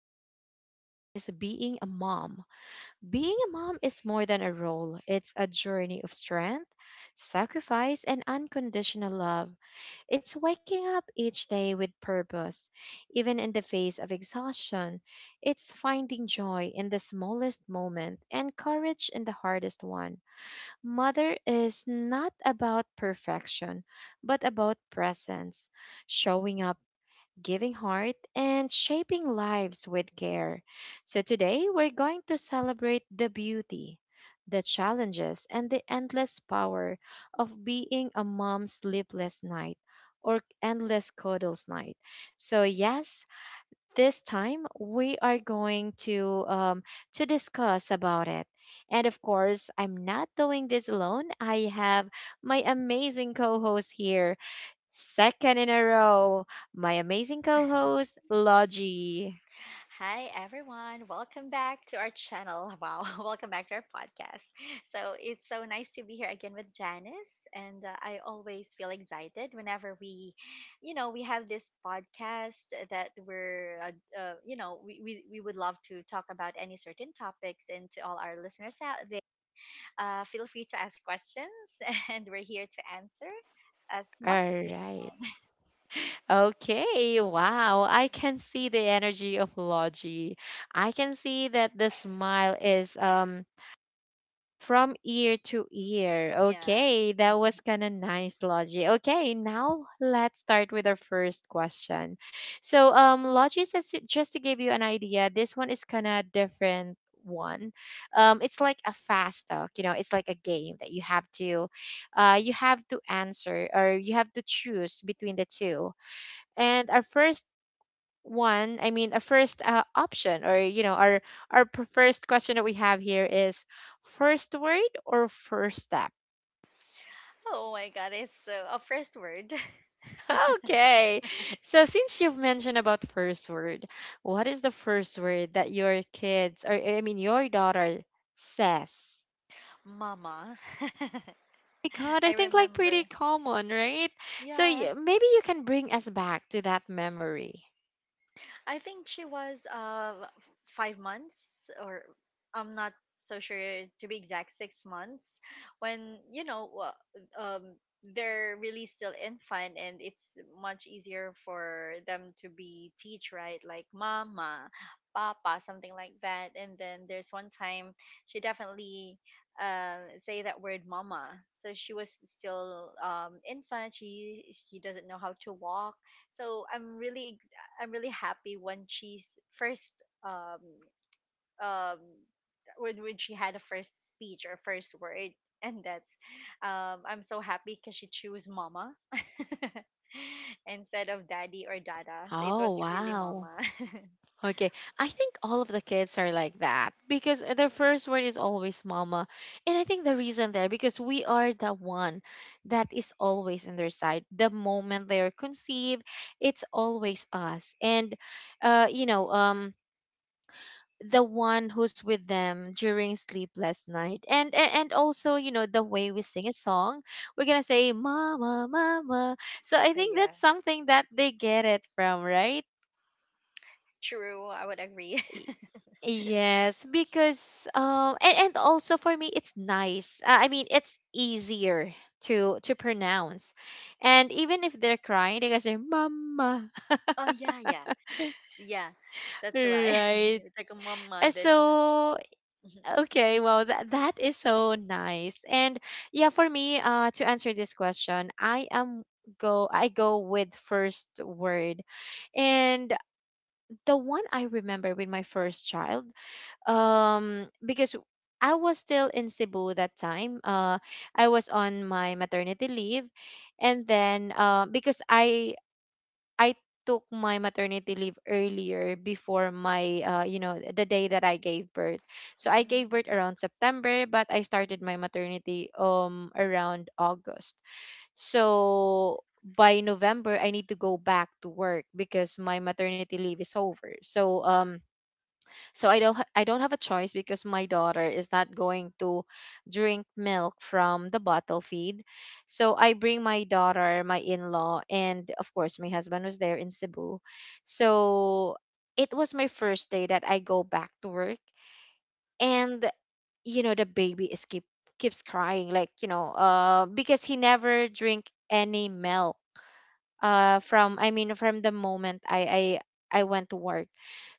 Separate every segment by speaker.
Speaker 1: today's topic is being a mom. Being a mom is more than a role, it's a journey of strength, sacrifice, and unconditional love. It's waking up each day with purpose, even in the face of exhaustion. It's finding joy in the smallest moment and courage in the hardest one. Mother is not about perfection, but about presence, showing up, giving heart, and shaping lives with care. So today we're going to celebrate the beauty, the challenges, and the endless power of being a mom's sleepless night or endless cuddles night. So yes, this time we are going to discuss about it. And of course, I'm not doing this alone. I have my amazing co-host here, second in a row, my amazing co host, Logie.
Speaker 2: Hi everyone, welcome back to our channel. Wow, welcome back to our podcast. So it's so nice to be here again with Janice, and I always feel excited whenever we have this podcast that we're, you know, we would love to talk about any certain topics. And to all our listeners out there, feel free to ask questions, and we're here to answer as
Speaker 1: All
Speaker 2: much. As
Speaker 1: right. Okay. Wow. I can see the energy of Logie. I can see that the smile is from ear to ear.
Speaker 2: Yeah.
Speaker 1: Okay, that was kind of nice, Logie. Okay, now let's start with our first question. So, Logie says, just to give you an idea, this one is kind of different one. It's like a fast talk. You know, it's like a game that you have to answer or you have to choose between the two. And our first one I mean a first option, or you know, our first question that we have here is first word or first step.
Speaker 2: Oh my God, it's so a first word.
Speaker 1: Okay, so since you've mentioned about first word, what is the first word that your kids, or I mean your daughter, says?
Speaker 2: Mama.
Speaker 1: My god, I
Speaker 2: I
Speaker 1: think, like, pretty
Speaker 2: remember.
Speaker 1: common, right? So
Speaker 2: Yeah,
Speaker 1: maybe you can bring us back to that memory.
Speaker 2: I think she was 5 months or I'm not so sure, to be exact 6 months, when you know um they're really still infant, and it's much easier for them to be teach, right? Like mama, papa, something like that. And then there's one time she definitely say that word mama. So she was still infant, she doesn't know how to walk. So I'm really happy when um she had a first speech or first word. And that's I'm so happy because she chose mama instead of daddy or dada. So it
Speaker 1: Oh
Speaker 2: was really
Speaker 1: wow.
Speaker 2: mama.
Speaker 1: Okay, I think all of the kids are like that because their first word is always mama. And I think the reason there, because we are the one that is always on their side. The moment they are conceived, it's always us. And you know, the one who's with them during sleepless night. And also, you know, the way we sing a song, we're going to say mama mama. So I
Speaker 2: But
Speaker 1: think
Speaker 2: yeah,
Speaker 1: that's something that they get it from, right?
Speaker 2: true, I would agree.
Speaker 1: Yes, because and also for me it's nice. I mean it's easier to pronounce. And even if they're crying, they can say mama.
Speaker 2: Oh, yeah, yeah, yeah, that's why,
Speaker 1: Right.
Speaker 2: it's like a mama then.
Speaker 1: So
Speaker 2: Mhm.
Speaker 1: okay, well that is so nice. And yeah, for me, uh, to answer this question, I go with first word. And the one I remember with my first child, because I was still in Cebu that time. I was on my maternity leave, and then because I took my maternity leave earlier before my you know, the day that I gave birth. So I gave
Speaker 2: Mm.
Speaker 1: birth around September, but I started my maternity around August. So by November, I need to go back to work because my maternity leave is over. So so I don't have a choice because my daughter is not going to drink milk from the bottle feed. So I bring my daughter, my in-law, and of course my husband was there in Cebu. So it was my first day that I go back to work, and you know the baby is keeps crying, like, you know, because he never drink any milk from the moment I went to work.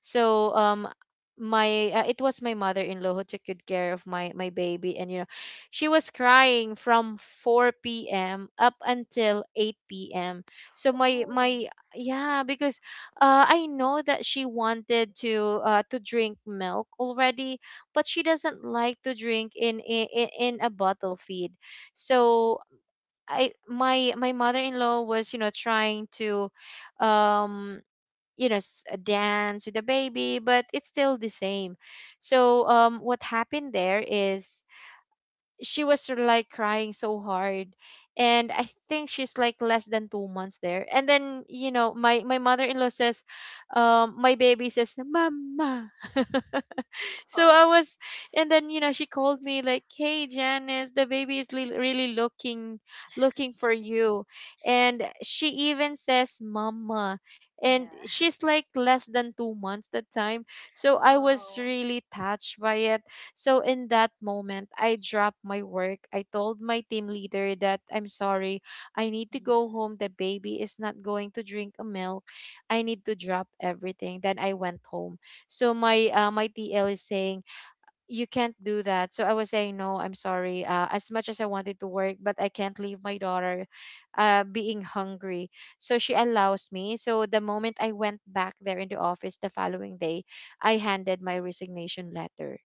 Speaker 1: So my it was my mother-in-law who took good care of my my baby, and you know she was crying from 4 p.m up until 8 p.m, so my
Speaker 2: Oh.
Speaker 1: my yeah, because I know that she wanted to drink milk already, but she doesn't like to drink in a bottle feed. So I, my mother-in-law was, you know, trying to, um you know, dance with the baby, but it's still the same. So what happened there is she was sort of like crying so hard, and I think she's like less than 2 months there, and then you know my mother-in-law says, um, my baby says mama. So I
Speaker 2: Oh
Speaker 1: was, and then you know she called me like, hey Janice, the baby is really looking for you, and she even says mama, and
Speaker 2: yeah.
Speaker 1: she's like less than 2 months that time. So I was
Speaker 2: Wow.
Speaker 1: really touched by it. So in that moment, I dropped my work. I told my team leader that I'm sorry, I need to
Speaker 2: Mm,
Speaker 1: go home. The baby is not going to drink a milk. I need to drop everything. Then I went home. So
Speaker 2: mm.
Speaker 1: my my TL is saying you can't do that. So I was saying no, I'm sorry. As much as I wanted to work, but I can't leave my daughter being hungry. So she allows me. So the moment I went back there in the office the following day, I handed my resignation letter.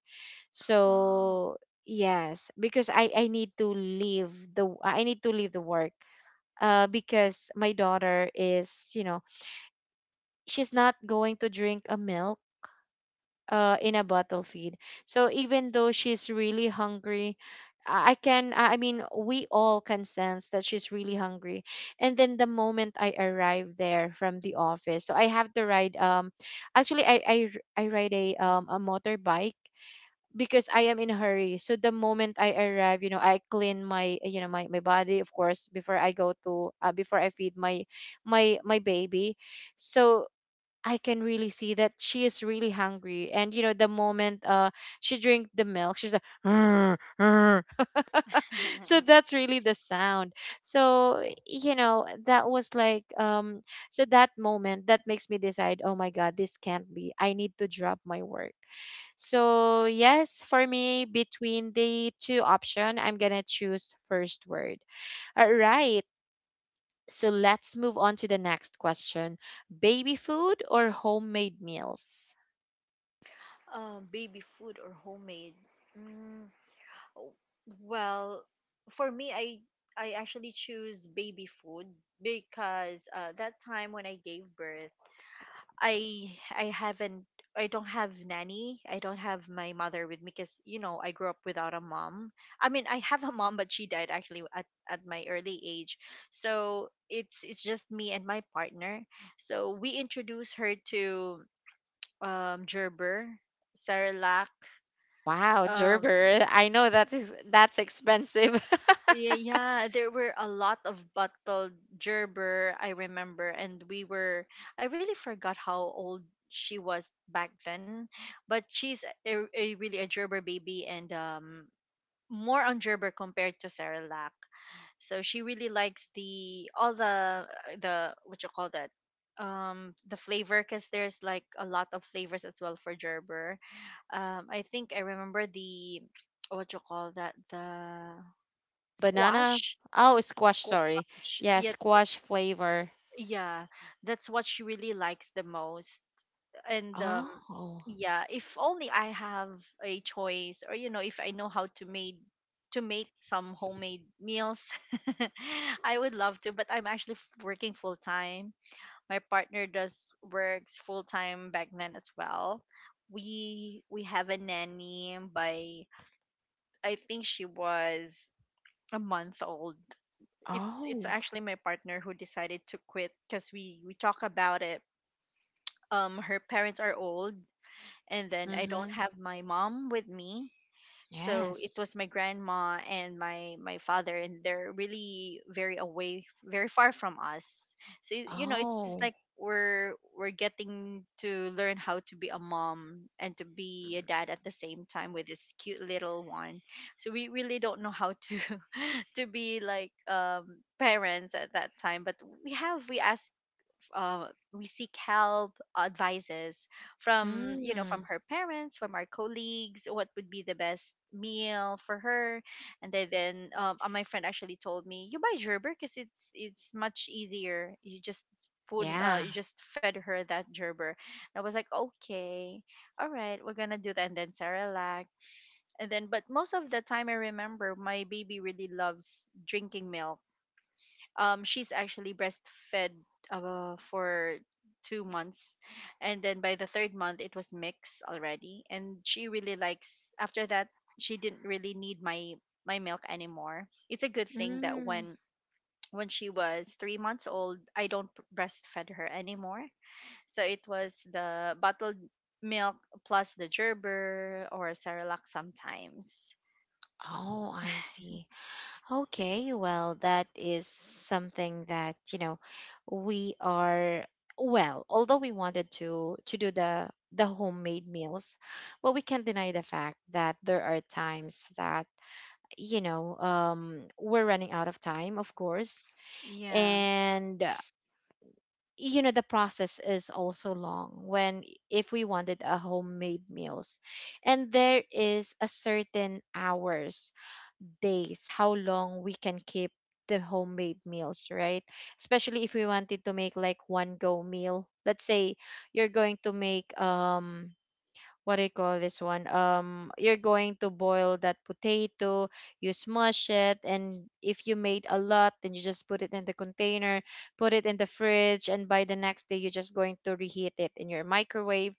Speaker 2: Oh.
Speaker 1: So yes, because I need to leave the I need to leave the work. Because my daughter is, you know, she's not going to drink a milk in a bottle feed. So even though she's really hungry, I mean, we all can sense that she's really hungry. And then the moment I arrive there from the office, so I have to ride, actually, I ride a motorbike because I am in a hurry. So the moment I arrive, you know, I clean my, you know, my body, of course, before I go to before I feed my baby. So I can really see that she is really hungry, and you know the moment she drink the milk she's like so that's really the sound. So, you know, that was like, so that moment that makes me decide, oh my god, this can't be, I need to drop my work. So yes, for me between the two option, I'm gonna choose first word. All right, so let's move on to the next question. Baby food or homemade meals?
Speaker 2: Baby food or homemade? Mm, w- well, for me, I actually choose baby food because that time when I gave birth, I I haven't I don't have nanny. I don't have my mother with me because you know I grew up without a mom. I mean, I have a mom, but she died actually at my early age. So it's just me and my partner. So we introduced her to Gerber, Cerelac,
Speaker 1: Wow,
Speaker 2: um
Speaker 1: Gerber, I know that is, that's expensive.
Speaker 2: yeah, yeah, there were a lot of bottled Gerber, I remember. And we were, I really forgot how old she was back then, but she's a really a Gerber baby. And more on Gerber compared to Cerelac. So she really likes the all the what you call that, the flavor, because there's like a lot of flavors as well for Gerber. I think I remember the, what you call that, the
Speaker 1: Banana?
Speaker 2: squash.
Speaker 1: Oh, squash,
Speaker 2: Squash,
Speaker 1: sorry. Yeah,
Speaker 2: yeah.
Speaker 1: squash flavor.
Speaker 2: Yeah, that's what she really likes the most. And
Speaker 1: Oh.
Speaker 2: yeah, if only I have a choice, or you know, if I know how to made, to make some homemade meals, I would love to. But I'm actually working full time. My partner does works full time back then as well. We have a nanny by, I think she was a month old. It's
Speaker 1: Oh.
Speaker 2: actually my partner who decided to quit because we talk about it. Her parents are old, and then I don't
Speaker 1: Mm-hmm.
Speaker 2: have my mom with me. So it
Speaker 1: Yes.
Speaker 2: was my grandma and my father, and they're really very away, very far from us. So you know, it's just
Speaker 1: Oh.
Speaker 2: like we're getting to learn how to be a mom and to be a dad at the same time with this cute little one. So we really don't know how to to be like parents at that time. But we have, we ask, uh, we seek help advices from, you know,
Speaker 1: Mm.
Speaker 2: from her parents, from our colleagues, what would be the best meal for her. And then my friend actually told me, "You buy Gerber because it's much easier. You just spoon,
Speaker 1: Yeah.
Speaker 2: you just fed her that Gerber." I was like, "Okay, all right, we're gonna do that." And then Sarah lacked. And then, but most of the time I remember my baby really loves drinking milk. She's actually breastfed for 2 months, and then by the third month it was mixed already. And she really likes after that, she didn't really need my, my milk anymore. It's a good thing that
Speaker 1: Mm.
Speaker 2: when she was 3 months old, I don't breastfed her anymore. So it was the bottled milk plus the Gerber or Cerelac sometimes.
Speaker 1: Oh, I see. Okay, well, that is something that, you know, we are, well, although we wanted to do the homemade meals, but we can't deny the fact that there are times that, you know, we're running out of time, of course.
Speaker 2: Yeah.
Speaker 1: And, you know, the process is also long when, if we wanted a homemade meals. And there is a certain hours, days, how long we can keep the homemade meals, right? Especially if we wanted to make like one go meal. Let's say you're going to make um, what do you call this one? You're going to boil that potato, you smush it, and if you made a lot, then you just put it in the container, put it in the fridge, and by the next day, you're just going to reheat it in your microwave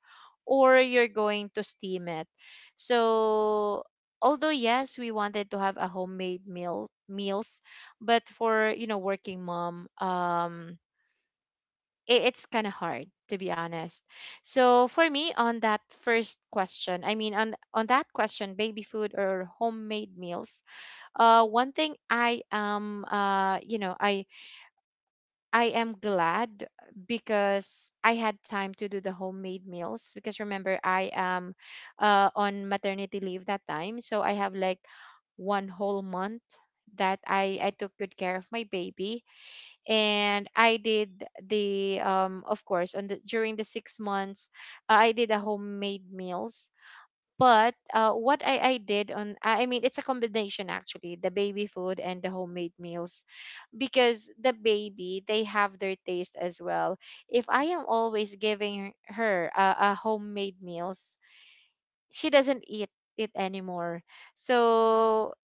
Speaker 1: or you're going to steam it. So, although yes, we wanted to have a homemade meal meals, but for, you know, working mom, um, it's kind of hard, to be honest. So for me on that first question, I mean on that question, baby food or homemade meals, one thing I am uh, you know, I am glad because I had time to do the homemade meals, because remember I am on maternity leave that time, so I have like one whole month that I took good care of my baby. And I did the um, of course on the during the 6 months, I did a homemade meals. But what I did on I mean it's a combination actually, the baby food and the homemade meals, because the baby, they have their taste as well. If I am always giving her a homemade meals, she doesn't eat it anymore. So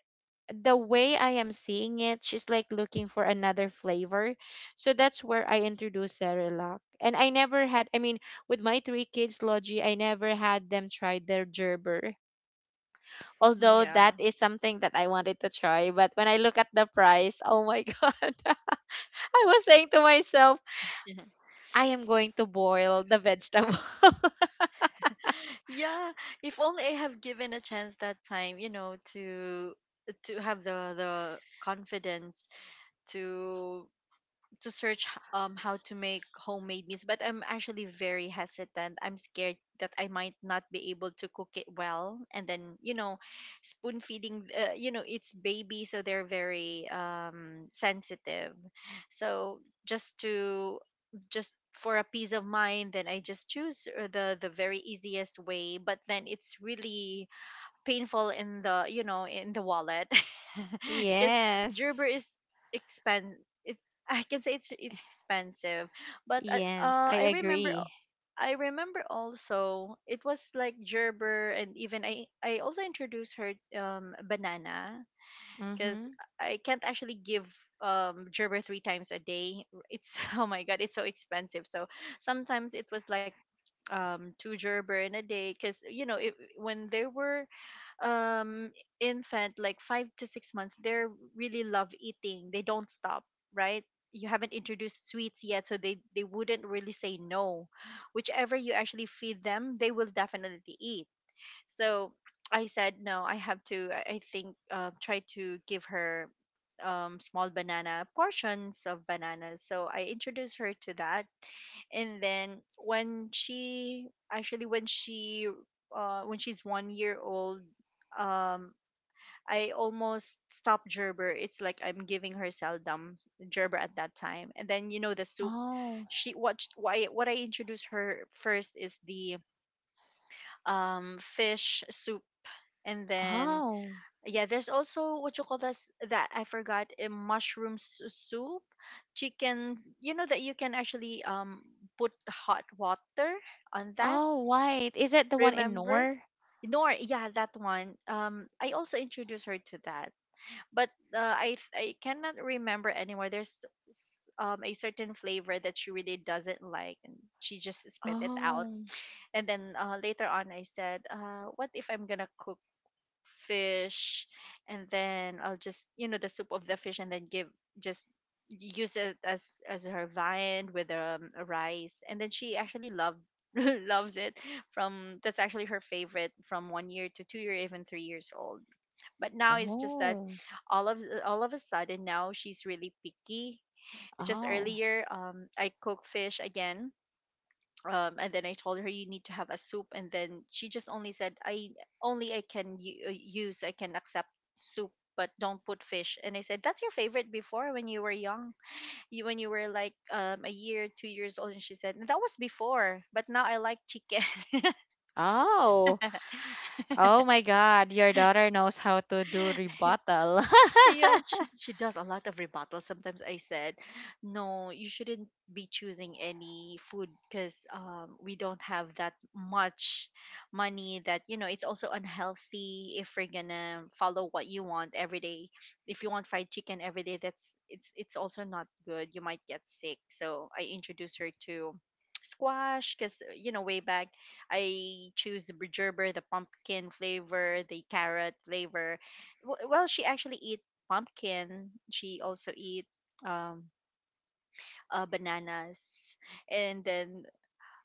Speaker 1: the way I am seeing it, she's like looking for another flavor. So that's where I introduced Cerelac. And I never had, I mean, with my three kids, Logi, I never had them try their Gerber. Although that
Speaker 2: Yeah.
Speaker 1: is something that I wanted to try. But when I look at the price, oh my god, I was saying to myself, I am going to boil the vegetable.
Speaker 2: Yeah, if only I have given a chance that time, you know, to have the confidence to to search how to make homemade meals. But I'm actually very hesitant. I'm scared that I might not be able to cook it well, and then you know, spoon feeding. You know, it's baby, so they're very sensitive. So just to, just for a peace of mind, then I just choose the very easiest way. But then it's really painful in the, you know, in the wallet, because Gerber
Speaker 1: Yes.
Speaker 2: is expen it, I can say it's expensive. But
Speaker 1: Yes, I
Speaker 2: I remember
Speaker 1: agree.
Speaker 2: I remember also it was like Gerber. And even I also introduced her banana, because
Speaker 1: Mm-hmm.
Speaker 2: I can't actually give Gerber three times a day. It's, oh my god, it's so expensive. So sometimes it was like two Gerber in a day, because you know it, when they were um infant like 5 to 6 months, they're really love eating, they don't stop, right? You haven't introduced sweets yet, so they wouldn't really say no. Whichever you actually feed them, they will definitely eat. So I said, no, I have to, I think, try to give her small banana, portions of bananas. So I introduced her to that. And then when she, actually, when she's 1 year old, um, I almost stopped Gerber. It's like I'm giving her seldom Gerber at that time. And then, you know, the soup,
Speaker 1: Oh.
Speaker 2: she, what, sh- why, what I introduced her first is the fish soup. And then,
Speaker 1: Oh.
Speaker 2: yeah, there's also what you call this, that I forgot, a mushroom soup, chicken, you know, that you can actually put hot water on that.
Speaker 1: Oh, white. Is it the one in
Speaker 2: Remember
Speaker 1: Nor?
Speaker 2: Nor? Yeah, that one, I also introduced her to that. But I cannot remember anymore, there's a certain flavor that she really doesn't like, and she just spit it out.
Speaker 1: Oh.
Speaker 2: And then later on I said, what if I'm gonna cook fish, and then I'll just, you know, the soup of the fish, and then give, just use it as her viand with a rice. And then she actually loved loves it. From, that's actually her favorite, from 1 year to 2 year, even 3 years old. But now it's just that,
Speaker 1: Oh.
Speaker 2: all of, all of a sudden now she's really picky. Just
Speaker 1: Oh.
Speaker 2: earlier, I cook fish again, and then I told her, "You need to have a soup." And then she just only said, "I only, I can u- use I can accept soup, but don't put fish." And I said, "That's your favorite before when you were young, you, when you were like a year, 2 years old." And she said, "That was before, but now I like chicken."
Speaker 1: Oh. Oh my God. Your daughter knows how to do rebuttal.
Speaker 2: Yeah, she does a lot of rebuttals. Sometimes I said, "No, you shouldn't be choosing any food, because we don't have that much money. That, you know, it's also unhealthy if we're gonna follow what you want every day. If you want fried chicken every day, that's, it's also not good. You might get sick." So I introduced her to squash, because you know way back I choose the Gerber, the pumpkin flavor, the carrot flavor. Well, she actually eat pumpkin. She also eat um, bananas. And then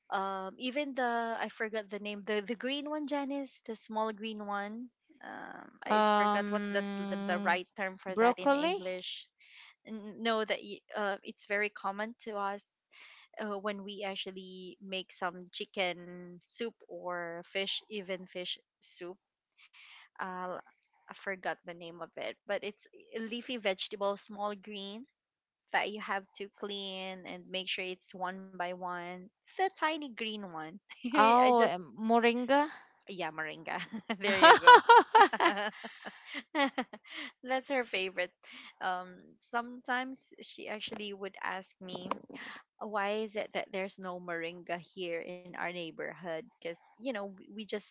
Speaker 2: even the, I forgot the name, the green one, Janice, the small green one. I forgot what's the
Speaker 1: Um,
Speaker 2: right term for that in
Speaker 1: broccoli?
Speaker 2: English. Know that it's very common to us when we actually make some chicken soup or fish, even fish soup. Uh, I forgot the name of it, but it's a leafy vegetable, small green, that you have to clean and make sure it's one by one. The tiny green one. I
Speaker 1: Oh,
Speaker 2: just,
Speaker 1: moringa?
Speaker 2: yeah, moringa. There you go. That's her favorite. Sometimes she actually would ask me, "Why is it that there's no moringa here in our neighborhood?" Because you know we just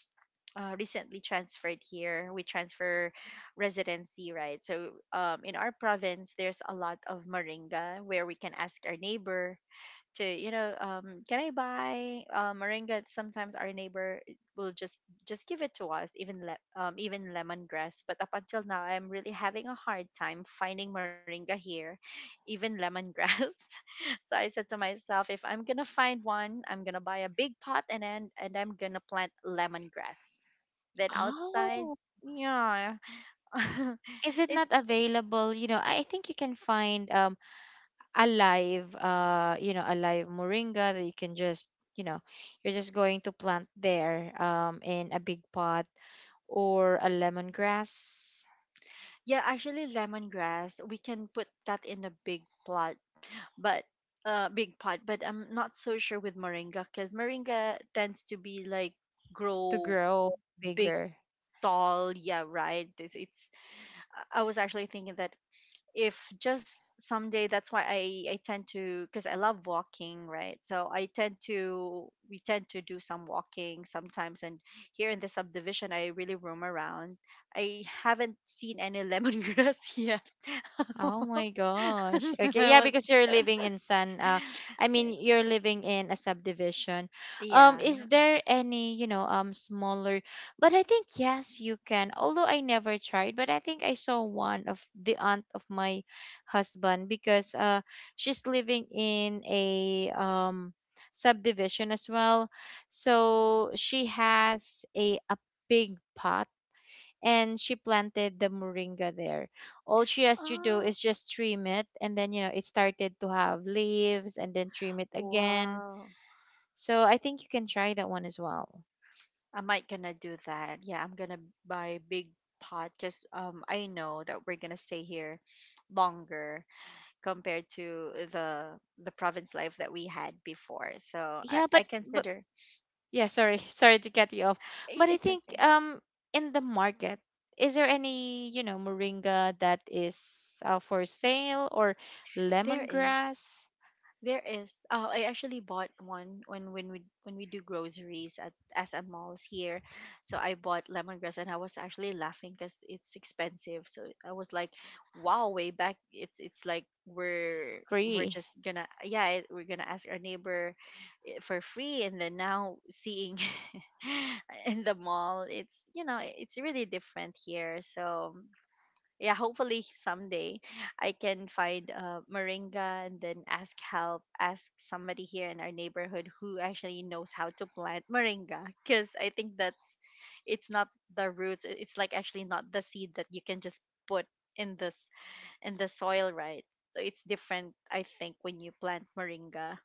Speaker 2: recently transferred here. We transfer residency, right? So in our province, there's a lot of moringa where we can ask our neighbor to can I buy moringa. Sometimes our neighbor will just give it to us, even even lemongrass. But up until now I'm really having a hard time finding moringa here, even lemongrass. So I said to myself, if I'm gonna find one, I'm gonna buy a big pot and then and I'm gonna plant lemongrass then outside.
Speaker 1: Oh.
Speaker 2: Yeah.
Speaker 1: Is it
Speaker 2: It's
Speaker 1: not available? You know, I think you can find a live a live moringa that you can just you know you're just going to plant there in a big pot or a lemongrass
Speaker 2: yeah, actually lemongrass we can put that in a big plot, but big pot. But I'm not so sure with moringa because moringa tends to be like
Speaker 1: to
Speaker 2: grow
Speaker 1: grow
Speaker 2: big,
Speaker 1: bigger.
Speaker 2: tall. Yeah, right. this it's I was actually thinking that if just someday, that's why I tend to, because I love walking, right? So I tend to, we tend to do some walking sometimes, and here in the subdivision I really roam around. I haven't seen any lemongrass yet.
Speaker 1: Oh my gosh. Okay,
Speaker 2: I
Speaker 1: yeah,
Speaker 2: was,
Speaker 1: because you're living in San I mean you're living in a subdivision.
Speaker 2: yeah.
Speaker 1: Is there any, you know, smaller, but I think yes you can. Although I never tried, but I think I saw one of the aunt of my husband, because she's living in a subdivision as well. So she has a big pot and she planted the moringa there. All she has to do is
Speaker 2: Uh,
Speaker 1: just trim it, and then you know it started to have leaves, and then trim it again.
Speaker 2: Wow.
Speaker 1: So I think you can try that one as well.
Speaker 2: I might gonna do that. Yeah, I'm gonna buy big pot because I know that we're gonna stay here longer compared to the province life that we had before. So I,
Speaker 1: Yeah, but
Speaker 2: I
Speaker 1: but
Speaker 2: consider.
Speaker 1: yeah, sorry, sorry to cut you off. But I
Speaker 2: It's
Speaker 1: think
Speaker 2: okay.
Speaker 1: in the market, is there any, you know, moringa that is for sale or
Speaker 2: There is.
Speaker 1: lemongrass
Speaker 2: There is. I actually bought one when when we do groceries at as at malls here. So I bought lemongrass, and I was actually laughing because it's expensive. So I was like, "Wow, way back, it's like we're
Speaker 1: free?
Speaker 2: just gonna yeah, it, we're gonna ask our neighbor for free." And then now seeing in the mall, it's it's really different here. So yeah, hopefully someday I can find moringa and then ask help, ask somebody here in our neighborhood who actually knows how to plant moringa, because I think that's, it's not the roots. It's like actually not the seed that you can just put in this in the soil, right? So it's different, I think, when you plant moringa.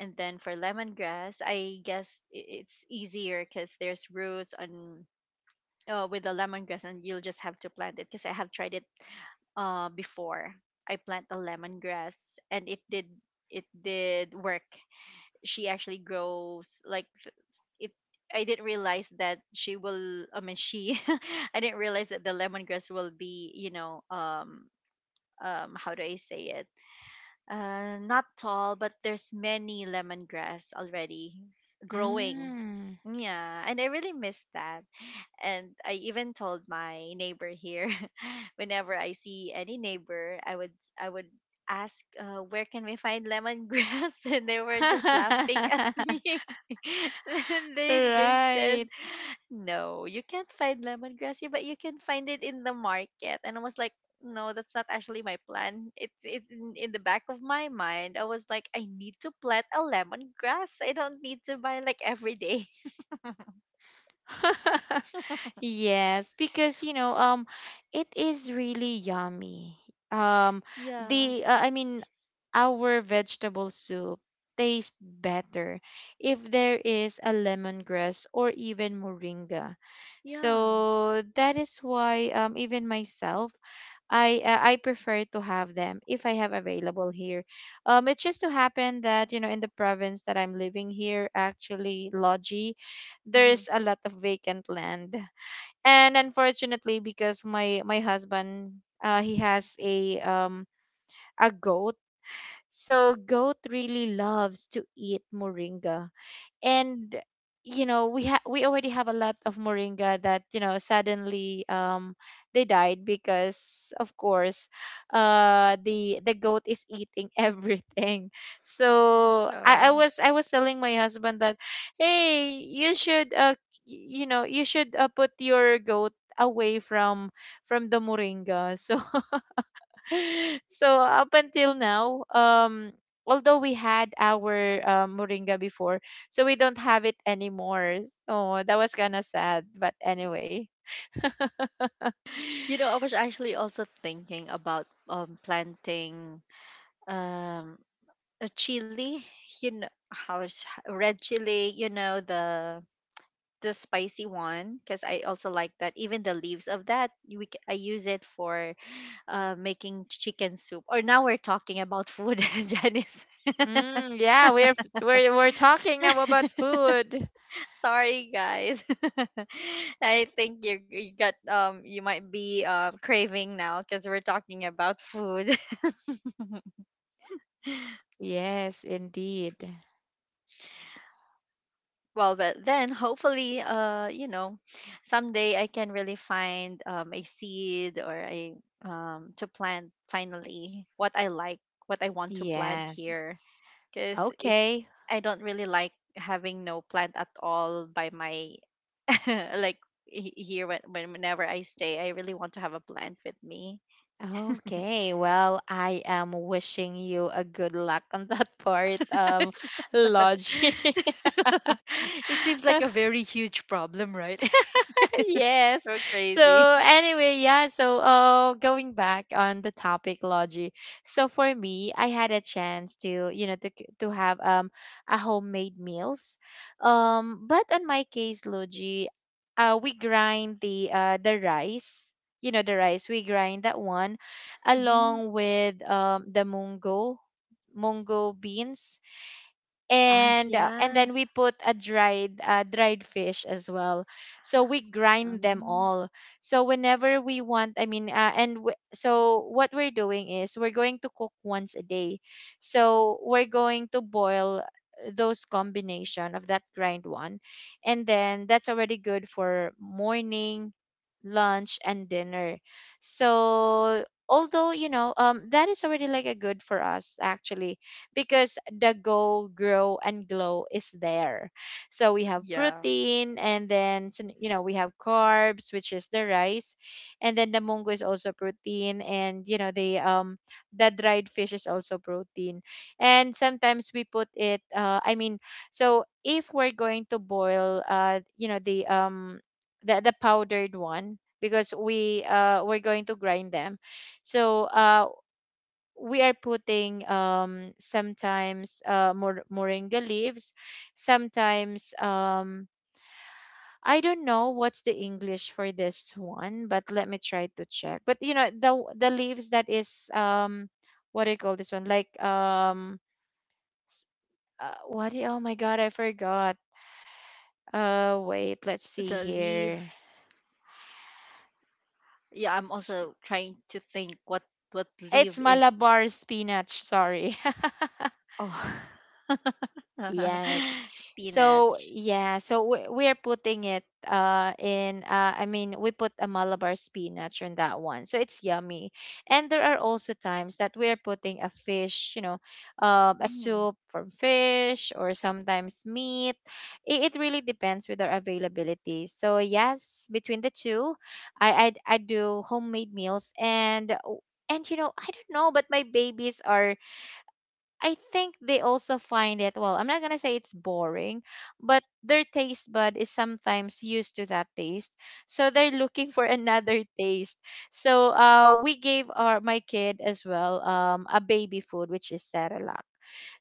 Speaker 2: And then for lemongrass, I guess it's easier because there's roots on with the lemongrass, and you'll just have to plant it because I have tried it before. I plant a lemongrass, and it did work. She actually grows like it. I didn't realize that she will. I mean, she. I didn't realize that the lemongrass will be how do I say it? Not tall, but there's many lemongrass already growing.
Speaker 1: Mm.
Speaker 2: Yeah, and I really miss that. And I even told my neighbor here, whenever I see any neighbor, I would, I would ask, "Where can we find lemongrass?" And they were just laughing at me. And they said,
Speaker 1: Right.
Speaker 2: "No, you can't find lemongrass here, but you can find it in the market." And I was like, "No, that's not actually my plan." It's in the back of my mind. I was like, "I need to plant a lemongrass. I don't need to buy like every day."
Speaker 1: Yes, because you know, it is really yummy. Um,
Speaker 2: Yeah.
Speaker 1: the I mean, our vegetable soup tastes better if there is a lemongrass or even moringa.
Speaker 2: Yeah.
Speaker 1: So that is why even myself, I prefer to have them if I have available here. It just so happened that you know in the province that I'm living here, actually, Logi, there
Speaker 2: Hmm.
Speaker 1: is a lot of vacant land, and unfortunately because my husband he has a goat, so goat really loves to eat moringa. And you know we already have a lot of moringa that you know suddenly they died, because of course the goat is eating everything. I
Speaker 2: Oh.
Speaker 1: was telling my husband that hey, you should you know, you should put your goat away from the moringa. So so up until now, although we had our moringa before, so we don't have it anymore. So that was kind of sad, but anyway.
Speaker 2: You know, I was actually also thinking about planting um a chili, you know, how is red chili, you know, the spicy one, because I also like that. Even the leaves of that, I use it for making chicken soup. Or now we're talking about food, Janice.
Speaker 1: Mm, yeah, we're talking now about food.
Speaker 2: Sorry, guys. I think you got you might be craving now because we're talking about food.
Speaker 1: Yes, indeed.
Speaker 2: Well, but then hopefully, you know, someday I can really find a seed or a to plant finally what I like, what I want to plant
Speaker 1: Yes.
Speaker 2: here. Because if
Speaker 1: Okay.
Speaker 2: I don't really like having no plant at all by my like here when, whenever I stay, I really want to have a plant with me.
Speaker 1: Okay. Well, I am wishing you a good luck on that part, Logie.
Speaker 2: It seems like a very huge problem, right?
Speaker 1: Yes.
Speaker 2: So
Speaker 1: So
Speaker 2: crazy.
Speaker 1: anyway, yeah. So going back on the topic, Logi. So for me, I had a chance to you know to have a homemade meals. But on my case, Logi, we grind the rice. You know the rice. We grind that one, along with the mungo, mungo beans
Speaker 2: Ah,
Speaker 1: and
Speaker 2: yeah.
Speaker 1: then we put a dried dried fish as well. So we grind them
Speaker 2: Um,
Speaker 1: all. So whenever we want and so what we're doing is we're going to cook once a day. So we're going to boil those combination of that grind one, and then that's already good for morning, lunch and dinner. So although you know that is already like a good for us actually, because the go, grow, and glow is there. So we have
Speaker 2: yeah.
Speaker 1: protein, and then you know we have carbs, which is the rice, and then the mungo is also protein, and you know the dried fish is also protein, and sometimes we put it. I mean, so if we're going to boil, you know the powdered one because we're going to grind them. So we are putting sometimes moringa leaves, sometimes I don't know what's the English for this one, but let me try to check. But you know, the leaves that is what do you call this one? Like s- what do you- oh my god, I forgot. Wait, let's see
Speaker 2: The leave.
Speaker 1: here.
Speaker 2: Yeah, I'm
Speaker 1: S-
Speaker 2: also trying to think what
Speaker 1: It's
Speaker 2: leave is.
Speaker 1: Malabar spinach, sorry.
Speaker 2: Oh,
Speaker 1: Yes. So
Speaker 2: spinach.
Speaker 1: yeah, so we we're putting it in I mean we put a Malabar spinach on that one. So it's yummy. And there are also times that we're putting a fish, you know, a
Speaker 2: Hmm.
Speaker 1: soup from fish or sometimes meat. It really depends with our availability. So yes, between the two, I do homemade meals, and you know, I don't know, but my babies are I think they also find it, well, I'm not gonna say it's boring, but their taste bud is sometimes used to that taste. So they're looking for another taste. So we gave our my kid as well a baby food, which is Cerelac.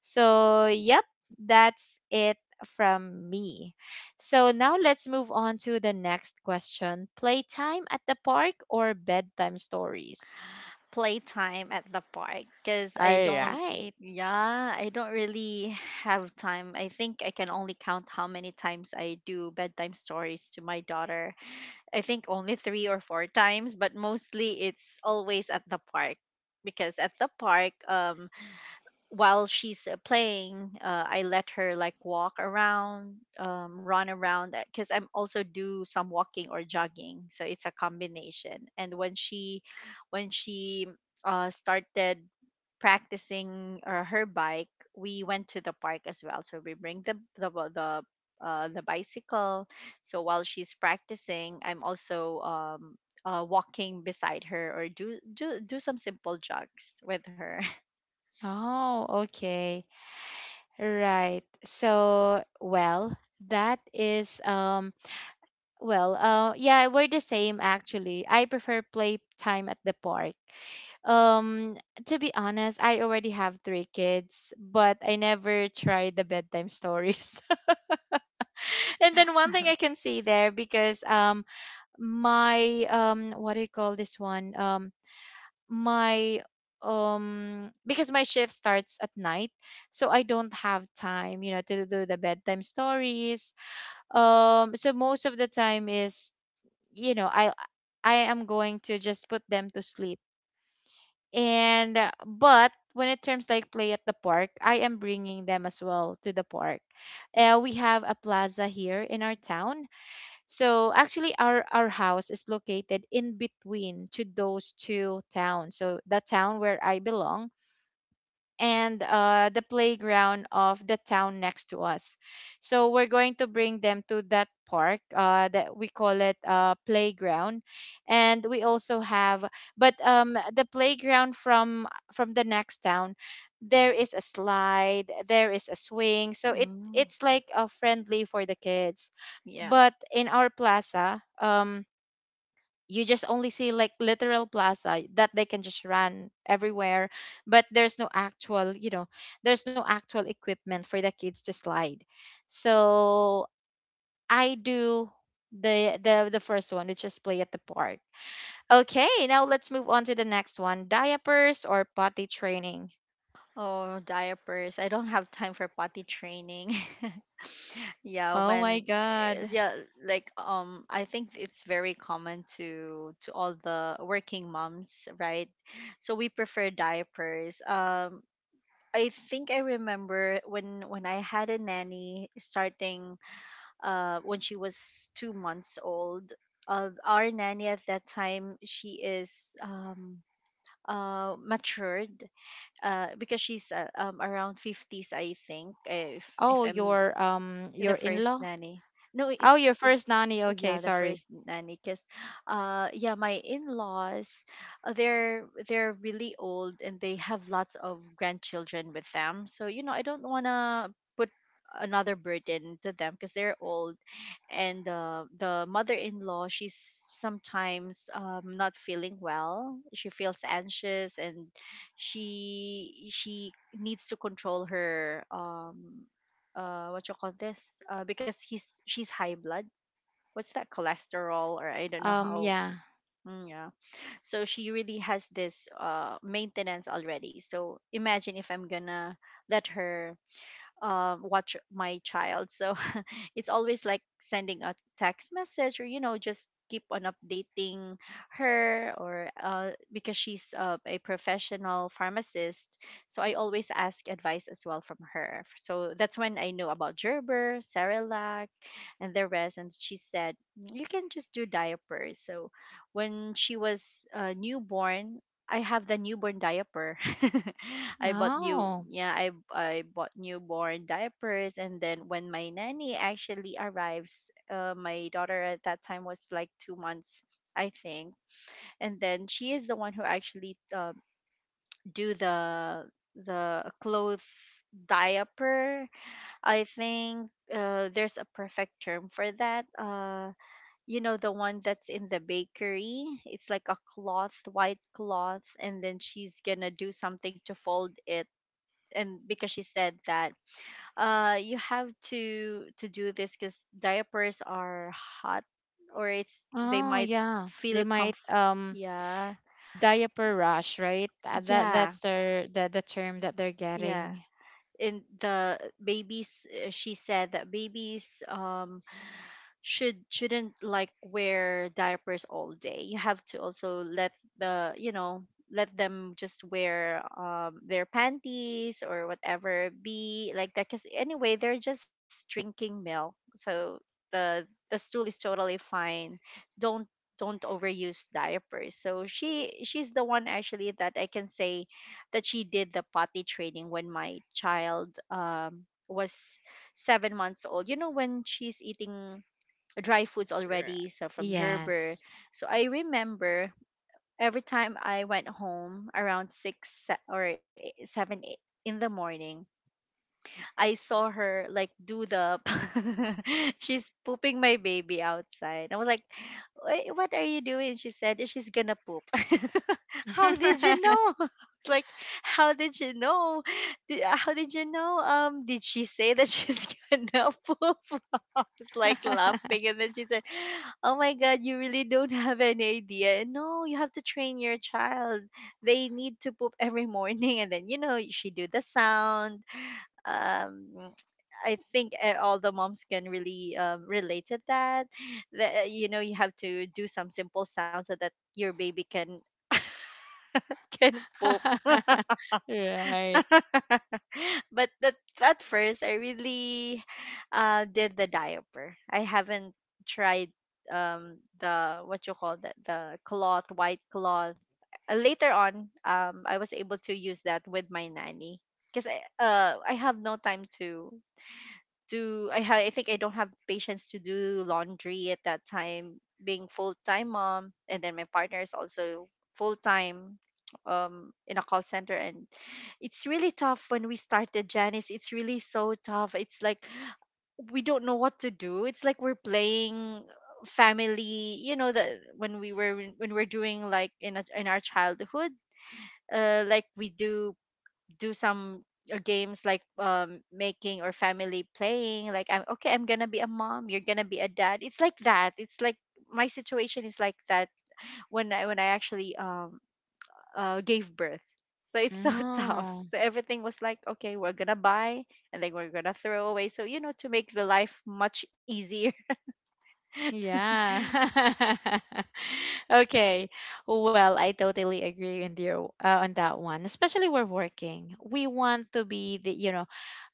Speaker 1: So yep, that's it from me. So now let's move on to the next question. Playtime at the park or bedtime stories?
Speaker 2: Playtime at the park, because
Speaker 1: All
Speaker 2: I don't.
Speaker 1: right.
Speaker 2: Yeah, I don't really have time. I think I can only count how many times I do bedtime stories to my daughter. I think only 3 or 4 times, but mostly it's always at the park, because at the park, while she's playing, I let her like walk around, run around, because I'm also do some walking or jogging, so it's a combination. And when she started practicing her bike, we went to the park as well. So we bring the bicycle. So while she's practicing, I'm also walking beside her or do some simple jogs with her.
Speaker 1: Oh, okay. Right. So, well, that is well, yeah, we're the same actually. I prefer playtime at the park. Um to be honest, I already have three kids, but I never tried the bedtime stories. And then one thing I can see there, because my what do you call this one? My because my shift starts at night, so I don't have time, you know, to do the bedtime stories. So most of the time is, you know, I am going to just put them to sleep. And but when it terms like play at the park, I am bringing them as well to the park. We have a plaza here in our town. So actually, our house is located in between to those two towns. So the town where I belong, and the playground of the town next to us. So we're going to bring them to that park that we call it playground, and we also have, but the playground from the next town. There is a slide, there is a swing, so it
Speaker 2: Mm,
Speaker 1: it's like a friendly for the kids.
Speaker 2: yeah.
Speaker 1: But in our plaza, you just only see like literal plaza that they can just run everywhere, but there's no actual, you know, there's no actual equipment for the kids to slide. So I do the the first one, which is play at the park. Okay, now let's move on to the next one, diapers or potty training.
Speaker 2: Oh, diapers. I don't have time for potty training. Yeah,
Speaker 1: Oh my God.
Speaker 2: yeah, like I think it's very common to all the working moms, right? So we prefer diapers. Um, I think I remember when I had a nanny starting when she was 2 months old. Our nanny at that time, she is matured because she's around 50s, I think, if
Speaker 1: Oh,
Speaker 2: I'm the
Speaker 1: your
Speaker 2: first
Speaker 1: in-law.
Speaker 2: nanny. No,
Speaker 1: Oh,
Speaker 2: it's
Speaker 1: your first nanny, okay,
Speaker 2: yeah, the
Speaker 1: sorry.
Speaker 2: first nanny. Because yeah, my in-laws, they're really old and they have lots of grandchildren with them, so you know I don't want to put another burden to them because they're old. And the mother-in-law, she's sometimes not feeling well, she feels anxious, and she needs to control her what you call this, because he's she's high blood, what's that, cholesterol or I don't know
Speaker 1: Um,
Speaker 2: how.
Speaker 1: yeah.
Speaker 2: Mm, yeah. So she really has this maintenance already. So imagine if I'm gonna let her watch my child. So it's always like sending a text message, or you know just keep on updating her or because she's a professional pharmacist, so I always ask advice as well from her. So that's when I know about Gerber Cerelac and the rest. And she said, "Mm, you can just do diapers." So when she was newborn, I have the newborn diaper. I bought new,
Speaker 1: Oh.
Speaker 2: yeah, I bought newborn diapers. And then when my nanny actually arrives, my daughter at that time was like 2 months, I think. And then she is the one who actually do the clothes diaper. I think there's a perfect term for that. Uh, you know, the one that's in the bakery, it's like a cloth, white cloth, and then she's gonna do something to fold it. And because she said that you have to do this because diapers are hot, or it's, they
Speaker 1: Oh,
Speaker 2: might
Speaker 1: yeah, they
Speaker 2: feel
Speaker 1: might, um,
Speaker 2: yeah.
Speaker 1: diaper rush, right? That
Speaker 2: Yeah.
Speaker 1: that's their the term that they're getting.
Speaker 2: Yeah. And the babies, she said that babies shouldn't like wear diapers all day. You have to also let the you know let them just wear their panties or whatever, be like that, because anyway they're just drinking milk, so the stool is totally fine. don't don't overuse diapers. So she, she's the one actually that I can say that she did the potty training when my child was 7 months old, you know, when she's eating dry foods
Speaker 1: R-
Speaker 2: already, so from
Speaker 1: Yes.
Speaker 2: Gerber. So I remember every time I went home around six se- or e- seven, in the morning, I saw her like do the, she's pooping my baby outside. I was like, "Wait, what are you doing?" She said she's gonna poop. How did you know? It's like, how did you know? How did you know? Did she say that she's gonna poop? I was like laughing, and then she said, "Oh my God, you really don't have any idea. No, you have to train your child. They need to poop every morning, and then you know she do the sound, um, I think all the moms can really relate to that." That you know you have to do some simple sound so that your baby can can poop.
Speaker 1: Right.
Speaker 2: But that, at first, I really did the diaper. I haven't tried the, what you call that, the cloth, white cloth. Later on, I was able to use that with my nanny because I have no time to do I think I don't have patience to do laundry at that time, being full-time mom, and then my partner is also full-time in a call center. And it's really tough when we started, Janice. It's really so tough. It's like we don't know what to do. It's like we're playing family, you know, that when we're doing like in our childhood, like we do some games, like making or family playing, like I'm okay, I'm gonna be a mom, you're gonna be a dad. It's like that. It's like my situation is like that when I actually gave birth. So it's so tough.
Speaker 1: Oh.
Speaker 2: So everything was like okay, we're gonna buy and then we're gonna throw away, so, you know, to make the life much easier.
Speaker 1: Yeah. Okay. Well, I totally agree with you on that one. Especially we're working. We want to be the, you know,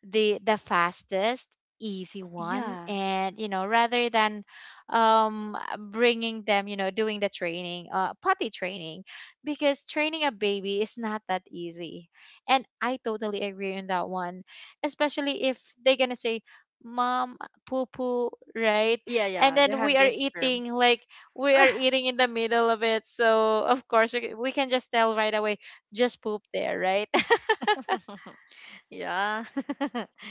Speaker 1: the fastest, easy one,
Speaker 2: yeah
Speaker 1: and, you know, rather than um bringing them, you know, doing the training, potty training, because training a baby is not that easy. And I totally agree on that one. Especially if they're going to say, "Mom, poo poo," right?
Speaker 2: yeah
Speaker 1: And
Speaker 2: yeah they
Speaker 1: then we
Speaker 2: have
Speaker 1: are
Speaker 2: this term.
Speaker 1: eating, like, we are eating in the middle of it, so of course we can just tell right away, just poop there, right?
Speaker 2: Yeah.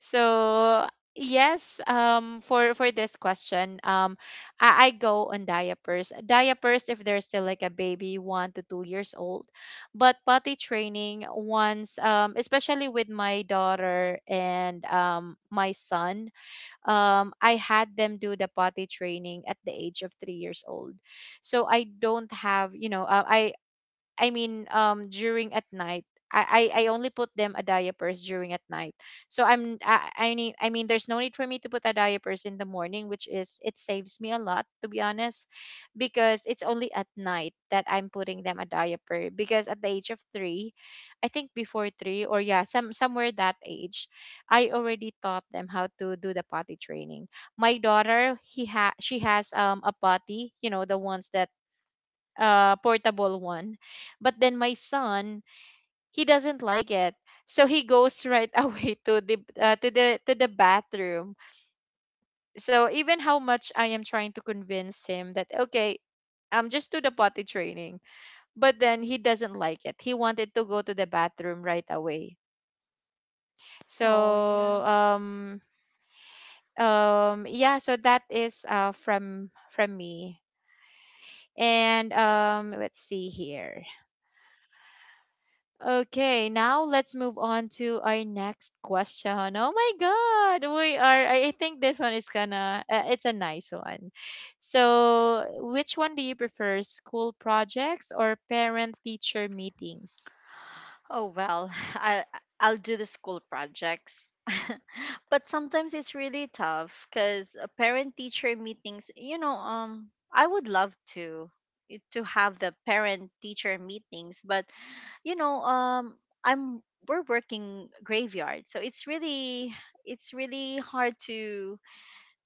Speaker 1: So yes, for this question, I go on diapers. Diapers if they're still like a baby 1 to 2 years old, but potty training once, especially with my daughter and my son, I had them do the potty training at the age of 3 years old. So I don't have, you know, I mean, during at night. I only put them a diapers during at night. So I need there's no need for me to put a diapers in the morning, which is it saves me a lot to be honest, because it's only at night that I'm putting them a diaper. Because at the age of three, I think before three or yeah, somewhere that age, I already taught them how to do the potty training. My daughter, he ha she has a potty, you know, the ones that portable one. But then my son, he doesn't like it. So he goes right away to the to the to the bathroom. So even how much I am trying to convince him that okay, just do the potty training, but then he doesn't like it. He wanted to go to the bathroom right away.
Speaker 2: Oh, yeah.
Speaker 1: So yeah, so that is from me. And let's see here. Okay, now let's move on to our next question. Oh my god, we are I think this one is gonna it's a nice one. So, which one do you prefer, school projects or parent teacher meetings?
Speaker 2: Oh well, I'll do the school projects. But sometimes it's really tough because parent teacher meetings, you know, I would love to to have the parent teacher meetings, but you know, I'm we're working graveyard. So it's really, it's really hard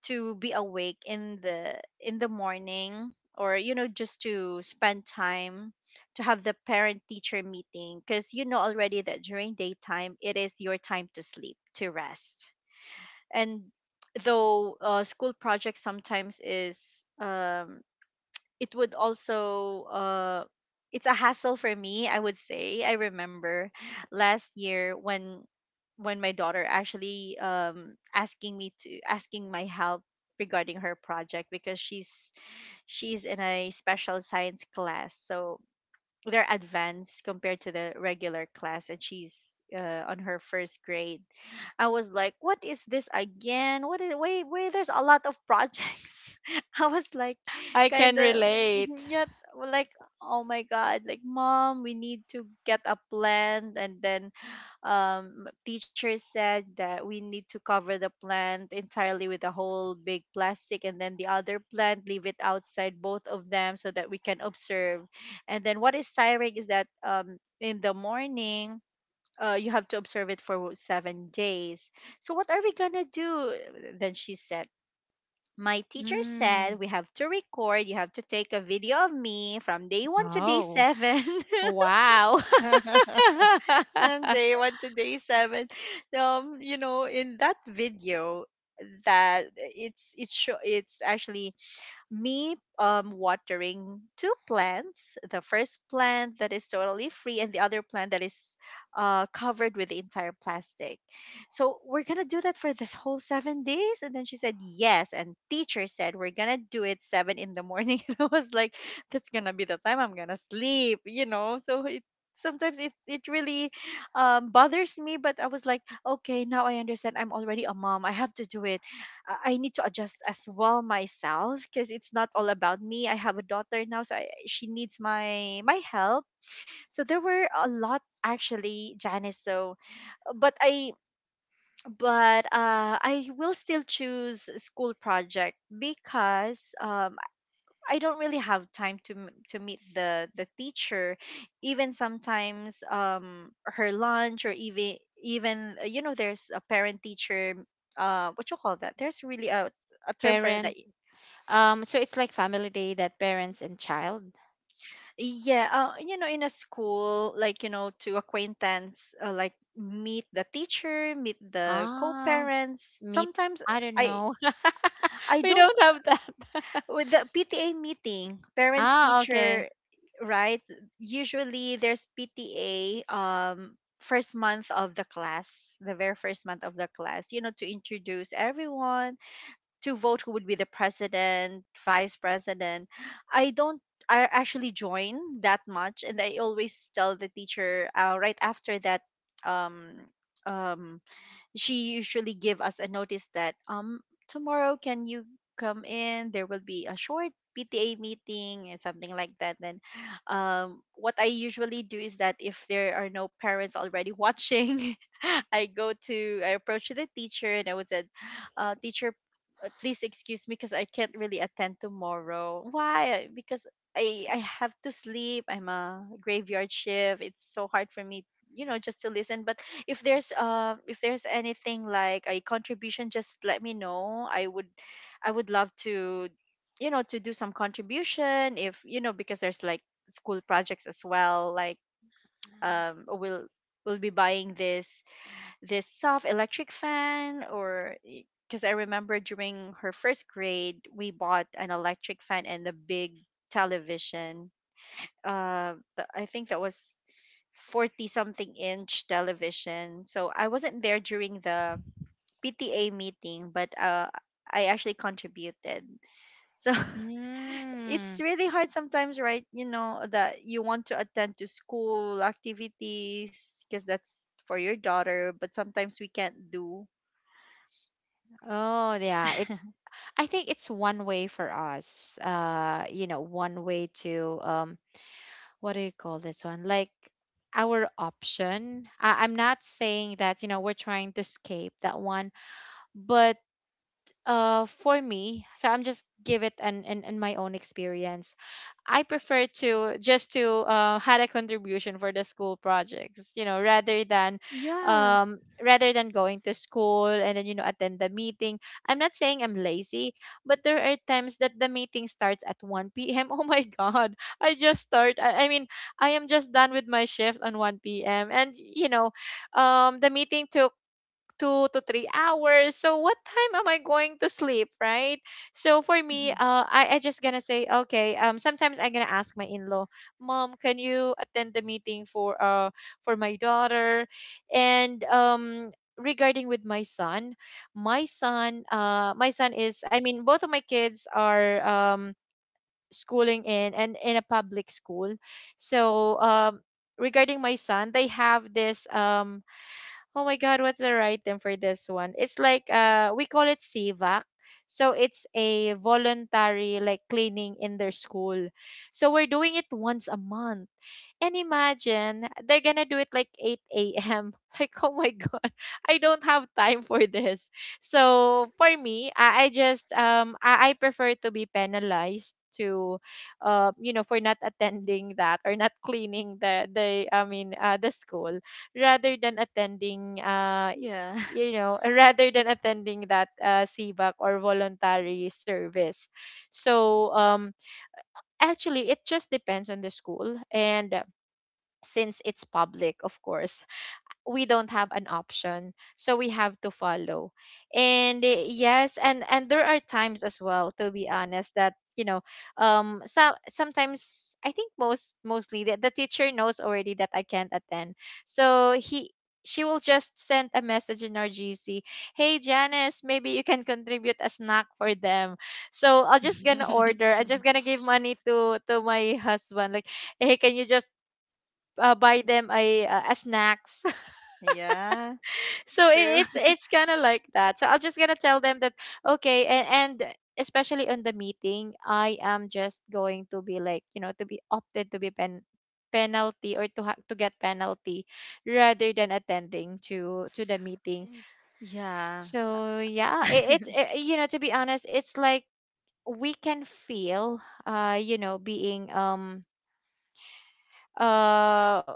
Speaker 2: to be awake in the morning, or you know, just to spend time to have the parent teacher meeting, because you know already that during daytime it is your time to sleep, to rest. And though school projects sometimes is it would also it's a hassle for me, I would say. I remember last year when my daughter actually asking me to asking my help regarding her project, because she's in a special science class, so they're advanced compared to the regular class. And she's on her first grade. I was like, what is this again? What is, wait, wait, there's a lot of projects. I was like,
Speaker 1: I can
Speaker 2: kind of,
Speaker 1: relate.
Speaker 2: yet, well, like, oh my god, like mom, we need to get a plan. And then teacher said that we need to cover the plant entirely with a whole big plastic, and then the other plant leave it outside, both of them, so that we can observe. And then what is tiring is that in the morning, you have to observe it for 7 days. So what are we gonna do? Then she said, my teacher
Speaker 1: Mm.
Speaker 2: said we have to record. You have to take a video of me from day one to day
Speaker 1: Oh,
Speaker 2: seven.
Speaker 1: wow.
Speaker 2: And day one to day seven. You know, in that video, that it's actually me watering two plants, the first plant that is totally free, and the other plant that is covered with the entire plastic. So we're gonna do that for this whole 7 days. And then she said, yes, and teacher said we're gonna do it seven in the morning. And I was like, that's gonna be the time I'm gonna sleep, you know? So it sometimes it really bothers me. But I was like, okay, now I understand, I'm already a mom, I have to do it. Uh, I need to adjust as well myself, because it's not all about me. I have a daughter now, so she needs my my help. So there were a lot actually, Janice. So, but I, but I will still choose school project, because I don't really have time to to meet the teacher. Even sometimes her lunch, or even even you know, there's a parent teacher what you call that, there's really a term for that.
Speaker 1: Parent, so it's like family day that parents and child.
Speaker 2: Yeah, you know, in a school, like, you know, to acquaintance, like meet the teacher, meet the
Speaker 1: Ah,
Speaker 2: co-parents.
Speaker 1: meat?
Speaker 2: Sometimes
Speaker 1: I don't
Speaker 2: I
Speaker 1: know.
Speaker 2: I
Speaker 1: We
Speaker 2: don't,
Speaker 1: don't have that.
Speaker 2: with the PTA meeting, parents
Speaker 1: Ah, okay.
Speaker 2: teacher, right? Usually there's PTA first month of the class, the very first month of the class, you know, to introduce everyone, to vote who would be the president, vice president. I don't, I actually join that much, and I always tell the teacher right after that um um she usually give us a notice that tomorrow can you come in, there will be a short PTA meeting and something like that. Then what I usually do is that if there are no parents already watching, I go to, I approach the teacher and I would say, teacher, please excuse me, because I can't really attend tomorrow. Why? Because I have to sleep, I'm a graveyard shift, it's so hard for me, you know, just to listen. But if there's anything like a contribution, just let me know. I would, I would love to, you know, to do some contribution if, you know, because there's like school projects as well, like um we'll we'll be buying this, this soft electric fan, or because I remember during her first grade, we bought an electric fan and a big television. Uh I think that was 40 something inch television. So I wasn't there during the PTA meeting, but I actually contributed. So it's
Speaker 1: Mm.
Speaker 2: really hard sometimes, right? You know, that you want to attend to school activities because that's for your daughter, but sometimes we can't do.
Speaker 1: Oh, yeah. It's I think it's one way for us. One way to what do you call this one? Like our option. I'm not saying that, you know, we're trying to escape that one, but for me, so I'm just give it an in my own experience. I prefer to just to had a contribution for the school projects, you know,
Speaker 2: Yeah.
Speaker 1: rather than going to school and then you know attend the meeting. I'm not saying I'm lazy, but there are times that the meeting starts at 1 p.m. Oh my god, I just start. I mean, I am just done with my shift on 1 p.m. and you know, the meeting took 2 to 3 hours. So what time am I going to sleep, right? So for me,
Speaker 2: Mhm.
Speaker 1: I just gonna say okay. Sometimes I'm gonna ask my in-law, Mom, can you attend the meeting for my daughter, and regarding with my son, my son is both of my kids are schooling in a public school, so regarding my son, they have this Oh my God, what's the right term for this one? It's like we call it CVAC. So it's a voluntary like cleaning in their school. So we're doing it once a month. And imagine they're gonna do it like 8 a.m. Like, oh my god, I don't have time for this. So for me, I prefer to be penalized to you know for not attending that or not cleaning the I mean the school rather than attending
Speaker 2: Yeah.
Speaker 1: you know rather than attending that CVAC or voluntary service. So actually it just depends on the school and since it's public, of course, we don't have an option. So we have to follow. And yes, and there are times as well, to be honest, that you know, so sometimes I think mostly the teacher knows already that I can't attend. So he she will just send a message in our GC, hey Janice, maybe you can contribute a snack for them. So I'll just gonna order. I'm just gonna give money to my husband. Like, hey, can you just buy them a snacks.
Speaker 2: Yeah.
Speaker 1: So
Speaker 2: True.
Speaker 1: it, it's it's kind of like that. So I'm just gonna tell them that okay, and especially on the meeting, I am just going to be like you know to be opted to be penalty or to to get penalty rather than attending to the meeting.
Speaker 2: Yeah.
Speaker 1: So yeah, it, you know to be honest, it's like we can feel you know being uh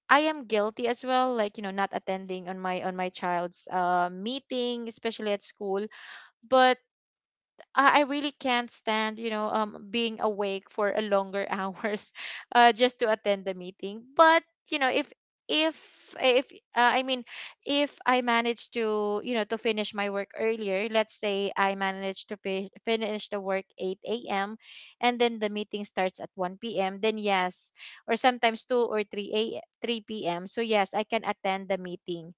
Speaker 1: I am guilty as well, like you know, not attending on my child's meeting, especially at school. But I really can't stand, you know, being awake for a longer hours, just to attend the meeting. But you know, if if uh, I mean, if I manage to, you know, to finish my work earlier, let's say I manage to finish the work eight a.m. and then the meeting starts at one p.m. Then yes, or sometimes two or three a three p.m. So yes, I can attend the meeting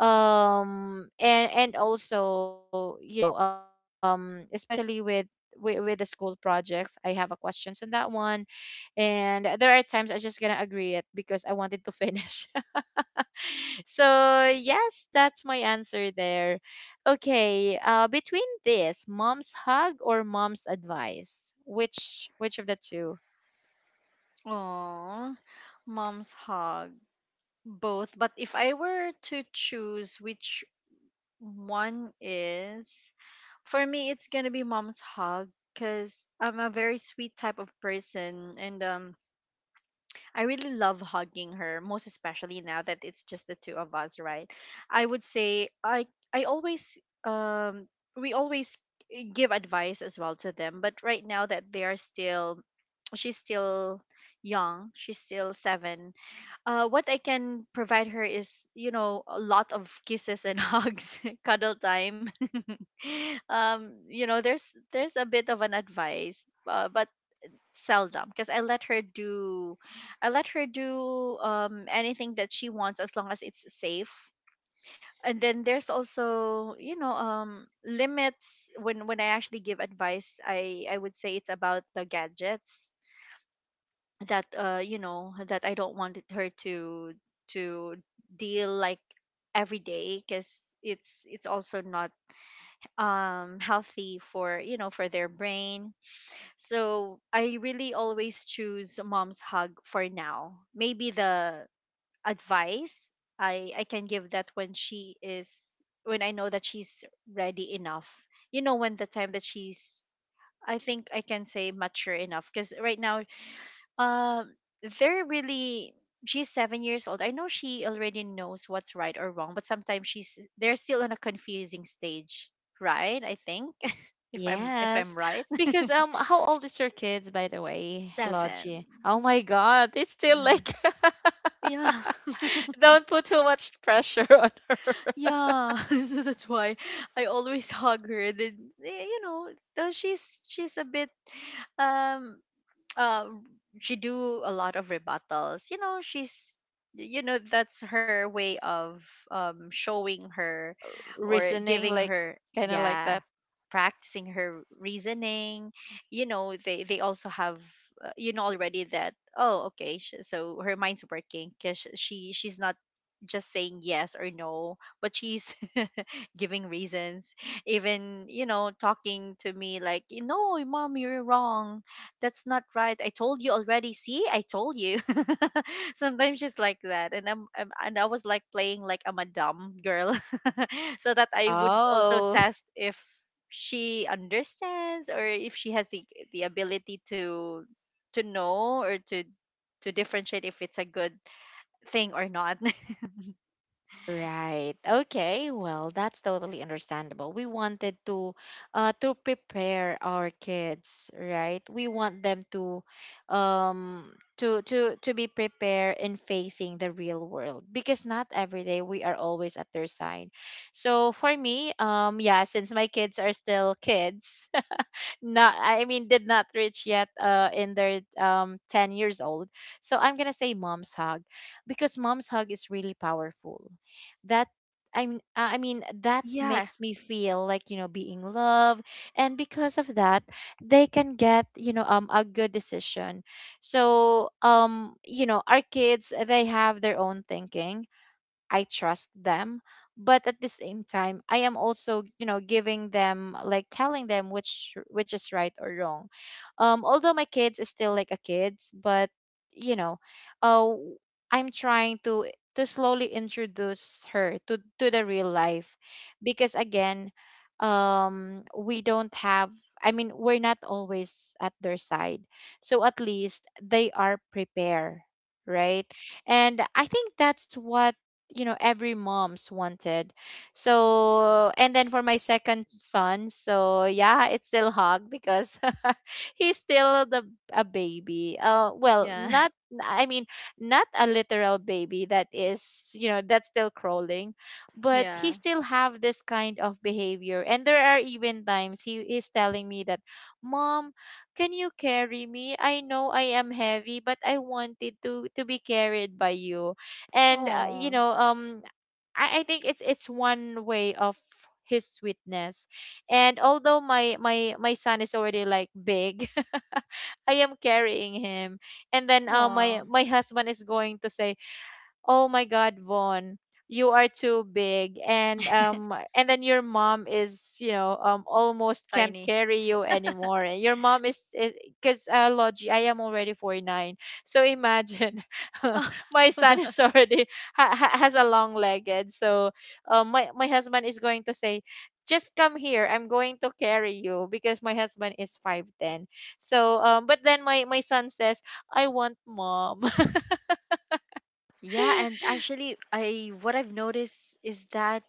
Speaker 1: and also you know especially with the school projects I have a questions on that one and there are times I just gonna agree it because I wanted to finish. So yes, that's my answer there. Okay, between this mom's hug or mom's advice, which of the two?
Speaker 2: Oh, mom's hug. Both. But if I were to choose which one is, for me it's gonna be mom's hug, because I'm a very sweet type of person, and I really love hugging her, most especially now that it's just the two of us, right? I would say I always um we always give advice as well to them, but right now that they are still, she's still young, she's still seven. Uh, what I can provide her is, you know, a lot of kisses and hugs, cuddle time. Um, you know, there's a bit of an advice, but seldom, because I let her do anything that she wants as long as it's safe. And then there's also, you know, limits when I actually give advice. I would say it's about the gadgets that you know that I don't want her to deal like every day, because it's also not healthy for, you know, for their brain. So I really always choose mom's hug for now. Maybe the advice I can give that when she is, when I know that she's ready enough, you know, when the time that she's, I think I can say mature enough. Because right now um, they're really, she's 7 years old. I know she already knows what's right or wrong, but sometimes she's they're still in a confusing stage, right? I think if I'm, if I'm
Speaker 1: Yes,
Speaker 2: right.
Speaker 1: because how old is your kids, by the way, Logie?
Speaker 2: Seven.
Speaker 1: Oh my God, it's still
Speaker 2: Mm.
Speaker 1: like,
Speaker 2: Yeah.
Speaker 1: don't put too much pressure on her.
Speaker 2: Yeah. So that's why I always hug her. Then eh, you know, so she's a bit um uh she do a lot of rebuttals, you know, she's, you know that's her way of showing her or
Speaker 1: Reasoning,
Speaker 2: giving
Speaker 1: like
Speaker 2: her.
Speaker 1: kind of like
Speaker 2: Yeah,
Speaker 1: that.
Speaker 2: practicing her reasoning. You know, they also have you know already that, oh okay, so her mind's working, because she's not just saying yes or no, but she's giving reasons, even, you know, talking to me like, no, mom you're wrong, that's not right. I told you already. See, I told you. Sometimes she's like that, and I'm, and I was like playing like I'm a dumb girl, so that I would also
Speaker 1: Oh.
Speaker 2: test if she understands or if she has the ability to know or to differentiate if it's a good thing or not.
Speaker 1: Right. Okay. Well, that's totally understandable. We wanted to prepare our kids, right? We want them to to be prepared in facing the real world because not every day we are always at their side. So for me, yeah, since my kids are still kids, not I mean did not reach yet in their 10 years old. So I'm going to say mom's hug because mom's hug is really powerful. That I mean that
Speaker 2: Yeah,
Speaker 1: makes me feel like you know being loved, and because of that, they can get you know a good decision. So you know our kids they have their own thinking, I trust them, but at the same time, I am also, you know, giving them like telling them which is right or wrong. Although my kids is still like a kids, but you know, uh, I'm trying to slowly introduce her to the real life, because again, we don't have. I mean, we're not always at their side, so at least they are prepared, right? And I think that's what you know every mom's wanted. So and then for my second son, so yeah, it's still hug because he's still the a baby, well
Speaker 2: yeah,
Speaker 1: not i mean not a literal baby that is you know that's still crawling, but he
Speaker 2: yeah.
Speaker 1: still have this kind of behavior, and there are even times he is telling me that, mom, can you carry me, I know I am heavy but I wanted to be carried by you. And you
Speaker 2: Oh,
Speaker 1: know I think it's one way of his sweetness, and although my son is already like big, I am carrying him, and then
Speaker 2: oh,
Speaker 1: my husband is going to say, Oh my God, Vaughn, you are too big, and then your mom is, you know, almost can't
Speaker 2: tiny.
Speaker 1: carry you anymore. And your mom is, because Logi, I am already 49, so imagine, my son is already has a long legged. So, my husband is going to say, just come here, I'm going to carry you because my husband is 5'10. So, but then my son says, I want mom.
Speaker 2: Yeah, and actually, I what I've noticed is that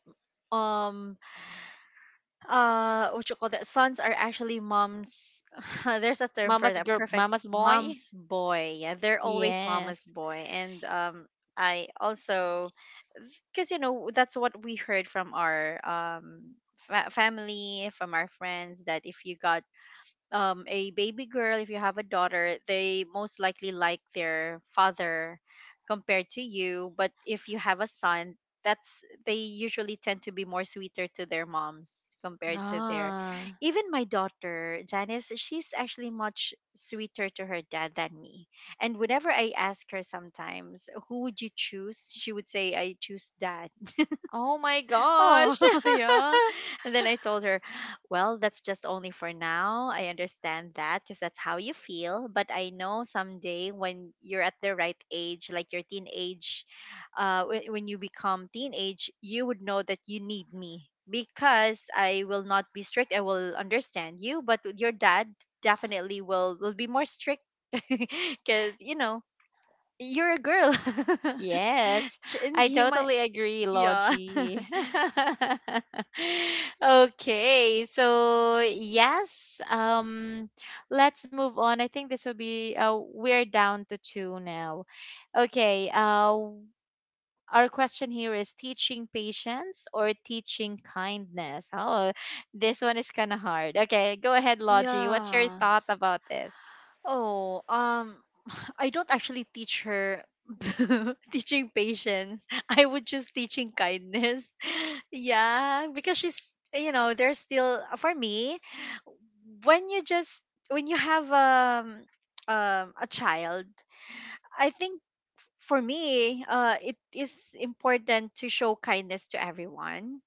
Speaker 2: um what you call that, sons are actually mom's. There's a term for
Speaker 1: Mama's
Speaker 2: that.
Speaker 1: girl,
Speaker 2: Perfect.
Speaker 1: mama's boy.
Speaker 2: Mom's boy, yeah, they're always mama's
Speaker 1: Yes.
Speaker 2: boy. And I also, because you know that's what we heard from our family, from our friends, that if you got a baby girl, if you have a daughter, they most likely like their father compared to you. But if you have a son, that's, they usually tend to be more sweeter to their moms compared to their,
Speaker 1: Ah.
Speaker 2: even my daughter Janice, she's actually much sweeter to her dad than me. And whenever I ask her sometimes, who would you choose, she would say, I choose dad.
Speaker 1: Oh my
Speaker 2: Oh,
Speaker 1: gosh.
Speaker 2: yeah. And then I told her, well, that's just only for now. I understand that because that's how you feel. But I know someday, when you're at the right age, like your teenage, when you become teenage, you would know that you need me, because I will not be strict. I will understand you, but your dad definitely will be more strict, because you know you're a girl.
Speaker 1: Yes.
Speaker 2: And
Speaker 1: I
Speaker 2: he might,
Speaker 1: totally agree,
Speaker 2: yeah.
Speaker 1: Logie. Okay. So, yes, let's move on. I think this will be we're down to two now. Okay. Uh, our question here is teaching patience or teaching kindness. Oh, this one is kind of hard. Okay, go ahead, Logie. What's your
Speaker 2: Yeah.
Speaker 1: thought about this?
Speaker 2: Oh, I don't actually teach her teaching patience. I would choose teaching kindness. Yeah, because she's, you know, there's still, for me, when you just, when you have a child, I think for me, it is important to show kindness to everyone.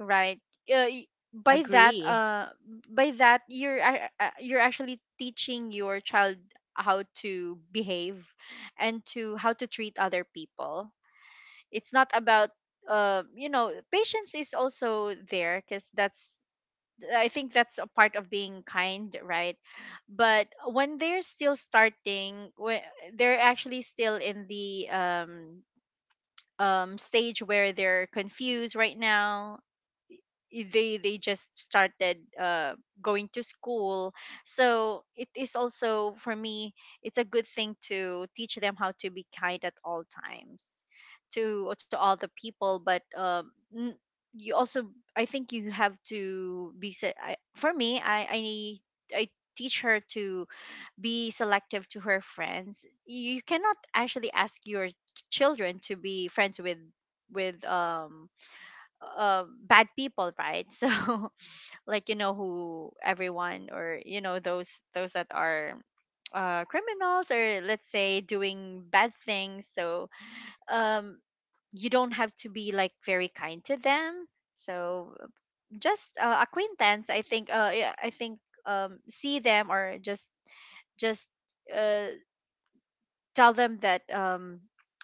Speaker 2: Right. Uh, y- by that,
Speaker 1: Agree.
Speaker 2: uh, by that, you're actually teaching your child how to behave and to how to treat other people. It's not about, you know, patience is also there, because that's, I think that's a part of being kind, right? But when they're still starting, when they're actually still in the stage where they're confused right now, they just started going to school. So it is also, for me, it's a good thing to teach them how to be kind at all times, to all the people. But you also, I think you have to be for me, I need, I teach her to be selective to her friends. You cannot actually ask your children to be friends with bad people, right? So like, you know who everyone, or you know those that are criminals, or let's say doing bad things, so um you don't have to be like very kind to them. So just acquaintance, I think. Uh, yeah, I think see them, or just uh, tell them that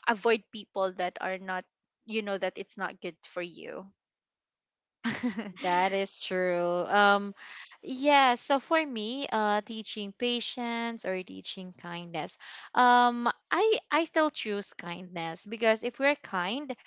Speaker 2: avoid people that are not, you know, that it's not good for you.
Speaker 1: That is true. Yeah, so for me, teaching patience or teaching kindness, I still choose kindness because if we're kind,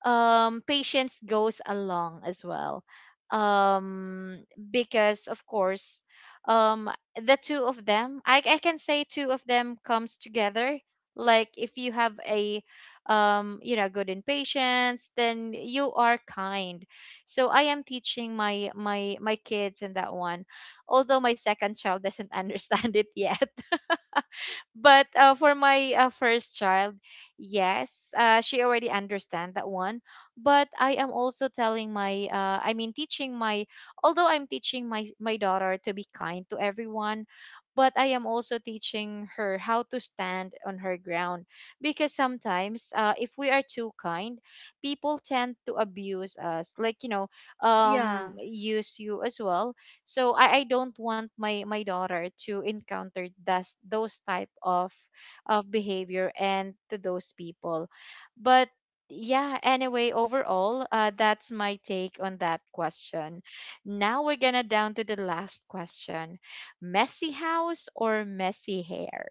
Speaker 1: patience goes along as well, um because of course, um the two of them, I can say two of them comes together, like if you have a you know good in patience, then you are kind. So I am teaching my kids in that one, although my second child doesn't understand it yet, but for my first child, yes, she already understand that one. But I am also telling my, teaching my, although I'm teaching my daughter to be kind to everyone, but I am also teaching her how to stand on her ground because sometimes, if we are too kind, people tend to abuse us, like you know,
Speaker 2: Yeah.
Speaker 1: use you as well. So I don't want my daughter to encounter those type of behavior and to those people. But yeah, anyway, overall, that's my take on that question. Now we're gonna down to the last question: messy house or messy hair?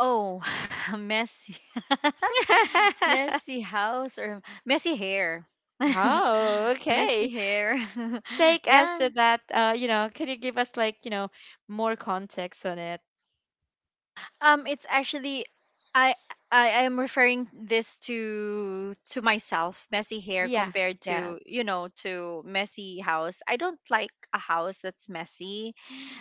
Speaker 2: Oh, messy. Messy house or messy hair.
Speaker 1: Oh,
Speaker 2: Messy
Speaker 1: okay.
Speaker 2: hair.
Speaker 1: Take us
Speaker 2: Yeah.
Speaker 1: to that. You know, can you give us like you know more context on it?
Speaker 2: Um, it's actually I I am referring this to myself, messy hair
Speaker 1: Yeah.
Speaker 2: compared to,
Speaker 1: Yes.
Speaker 2: you know, to messy house. I don't like a house that's messy,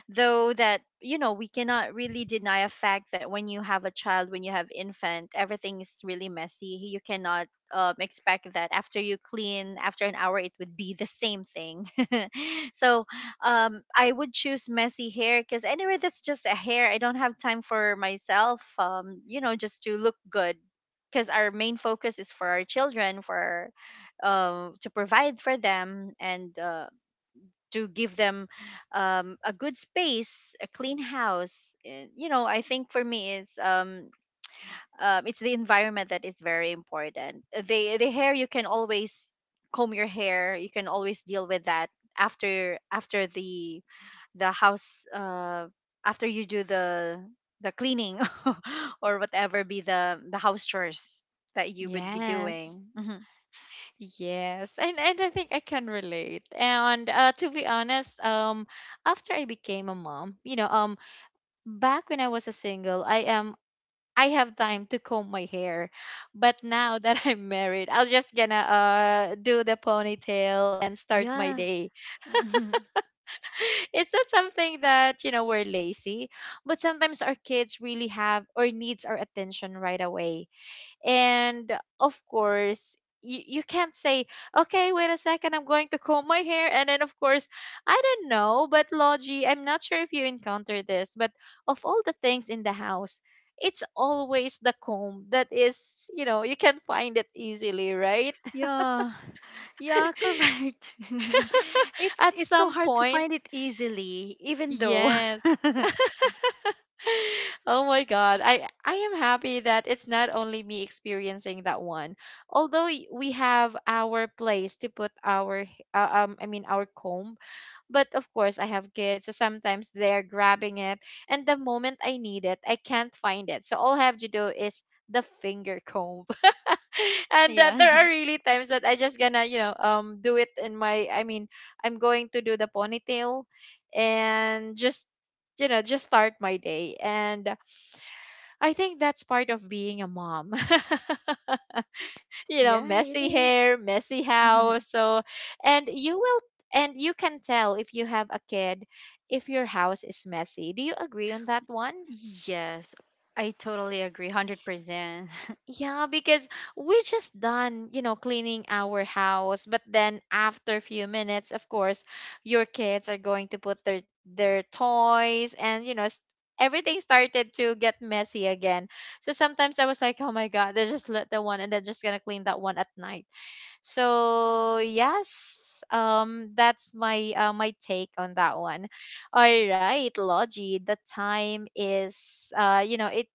Speaker 2: though that you know we cannot really deny a fact that when you have a child, when you have infant, everything is really messy. You cannot expect that after you clean, after an hour, it would be the same thing. So I would choose messy hair, because anyway that's just a hair. I don't have time for myself, you know, just to look good, because our main focus is for our children, for to provide for them, and to give them a good space, a clean house. And, you know, I think for me it's the environment that is very important. The the hair, you can always comb your hair. You can always deal with that after, after the house after you do the cleaning, or whatever be the house chores that you would be
Speaker 1: Yes.
Speaker 2: doing. Mhm.
Speaker 1: Yes, and I think I can relate. And to be honest, after I became a mom, you know, back when I was a single, I am I have time to comb my hair, but now that I'm married, I'll just gonna do the ponytail and start my
Speaker 2: Yeah.
Speaker 1: day. It's not something that you know we're lazy, but sometimes our kids really have or needs our attention right away, and of course you can't say okay wait a second, I'm going to comb my hair, and then of course I don't know, but Logie, I'm not sure if you encounter this, but of all the things in the house, it's always the comb that is you know you can find it easily, right?
Speaker 2: Yeah. Yeah, correct. it's
Speaker 1: At
Speaker 2: it's so
Speaker 1: some
Speaker 2: hard to
Speaker 1: point,
Speaker 2: find it easily, even though
Speaker 1: yes. Oh my God. I am happy that it's not only me experiencing that one. Although we have our place to put our our comb, but of course I have kids, so sometimes they're grabbing it, and the moment I need it, I can't find it. So all I have to do is the finger comb. And
Speaker 2: yeah.
Speaker 1: there are really times that I just gonna, you know, do it in my I'm going to do the ponytail and just you know, just start my day, and I think that's part of being a mom. You
Speaker 2: Yeah,
Speaker 1: know,
Speaker 2: it
Speaker 1: messy
Speaker 2: is.
Speaker 1: hair, messy house. So, and you will, and you can tell if you have a kid if your house is messy. Do you agree on that one?
Speaker 2: Yes, I totally agree, 100%.
Speaker 1: Yeah, because we just done, you know, cleaning our house, but then after a few minutes, of course, your kids are going to put their toys and you know, everything started to get messy again. So sometimes I was like, "Oh my God, they just let the one and they're just gonna clean that one at night." So yes, that's my my take on that one. All right, Logie, the time is you know,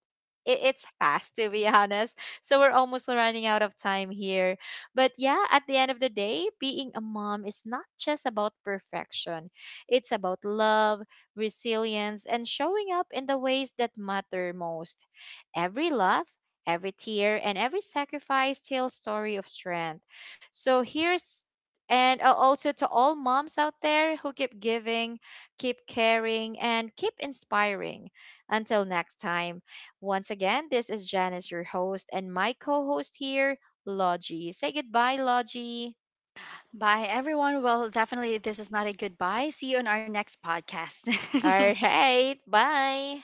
Speaker 1: it it's fast to be honest. So we're almost running out of time here. But yeah, at the end of the day, being a mom is not just about perfection. It's about love, resilience, and showing up in the ways that matter most. Every laugh, every tear, and every sacrifice tells story of strength. So here's, and also to all moms out there who keep giving, keep caring, and keep inspiring. Until next time, once again, this is Janice, your host, and my co host here, Logie. Say goodbye, Logie.
Speaker 2: Bye, everyone. Well, definitely, this is not a goodbye. See you on our next podcast.
Speaker 1: All right, bye.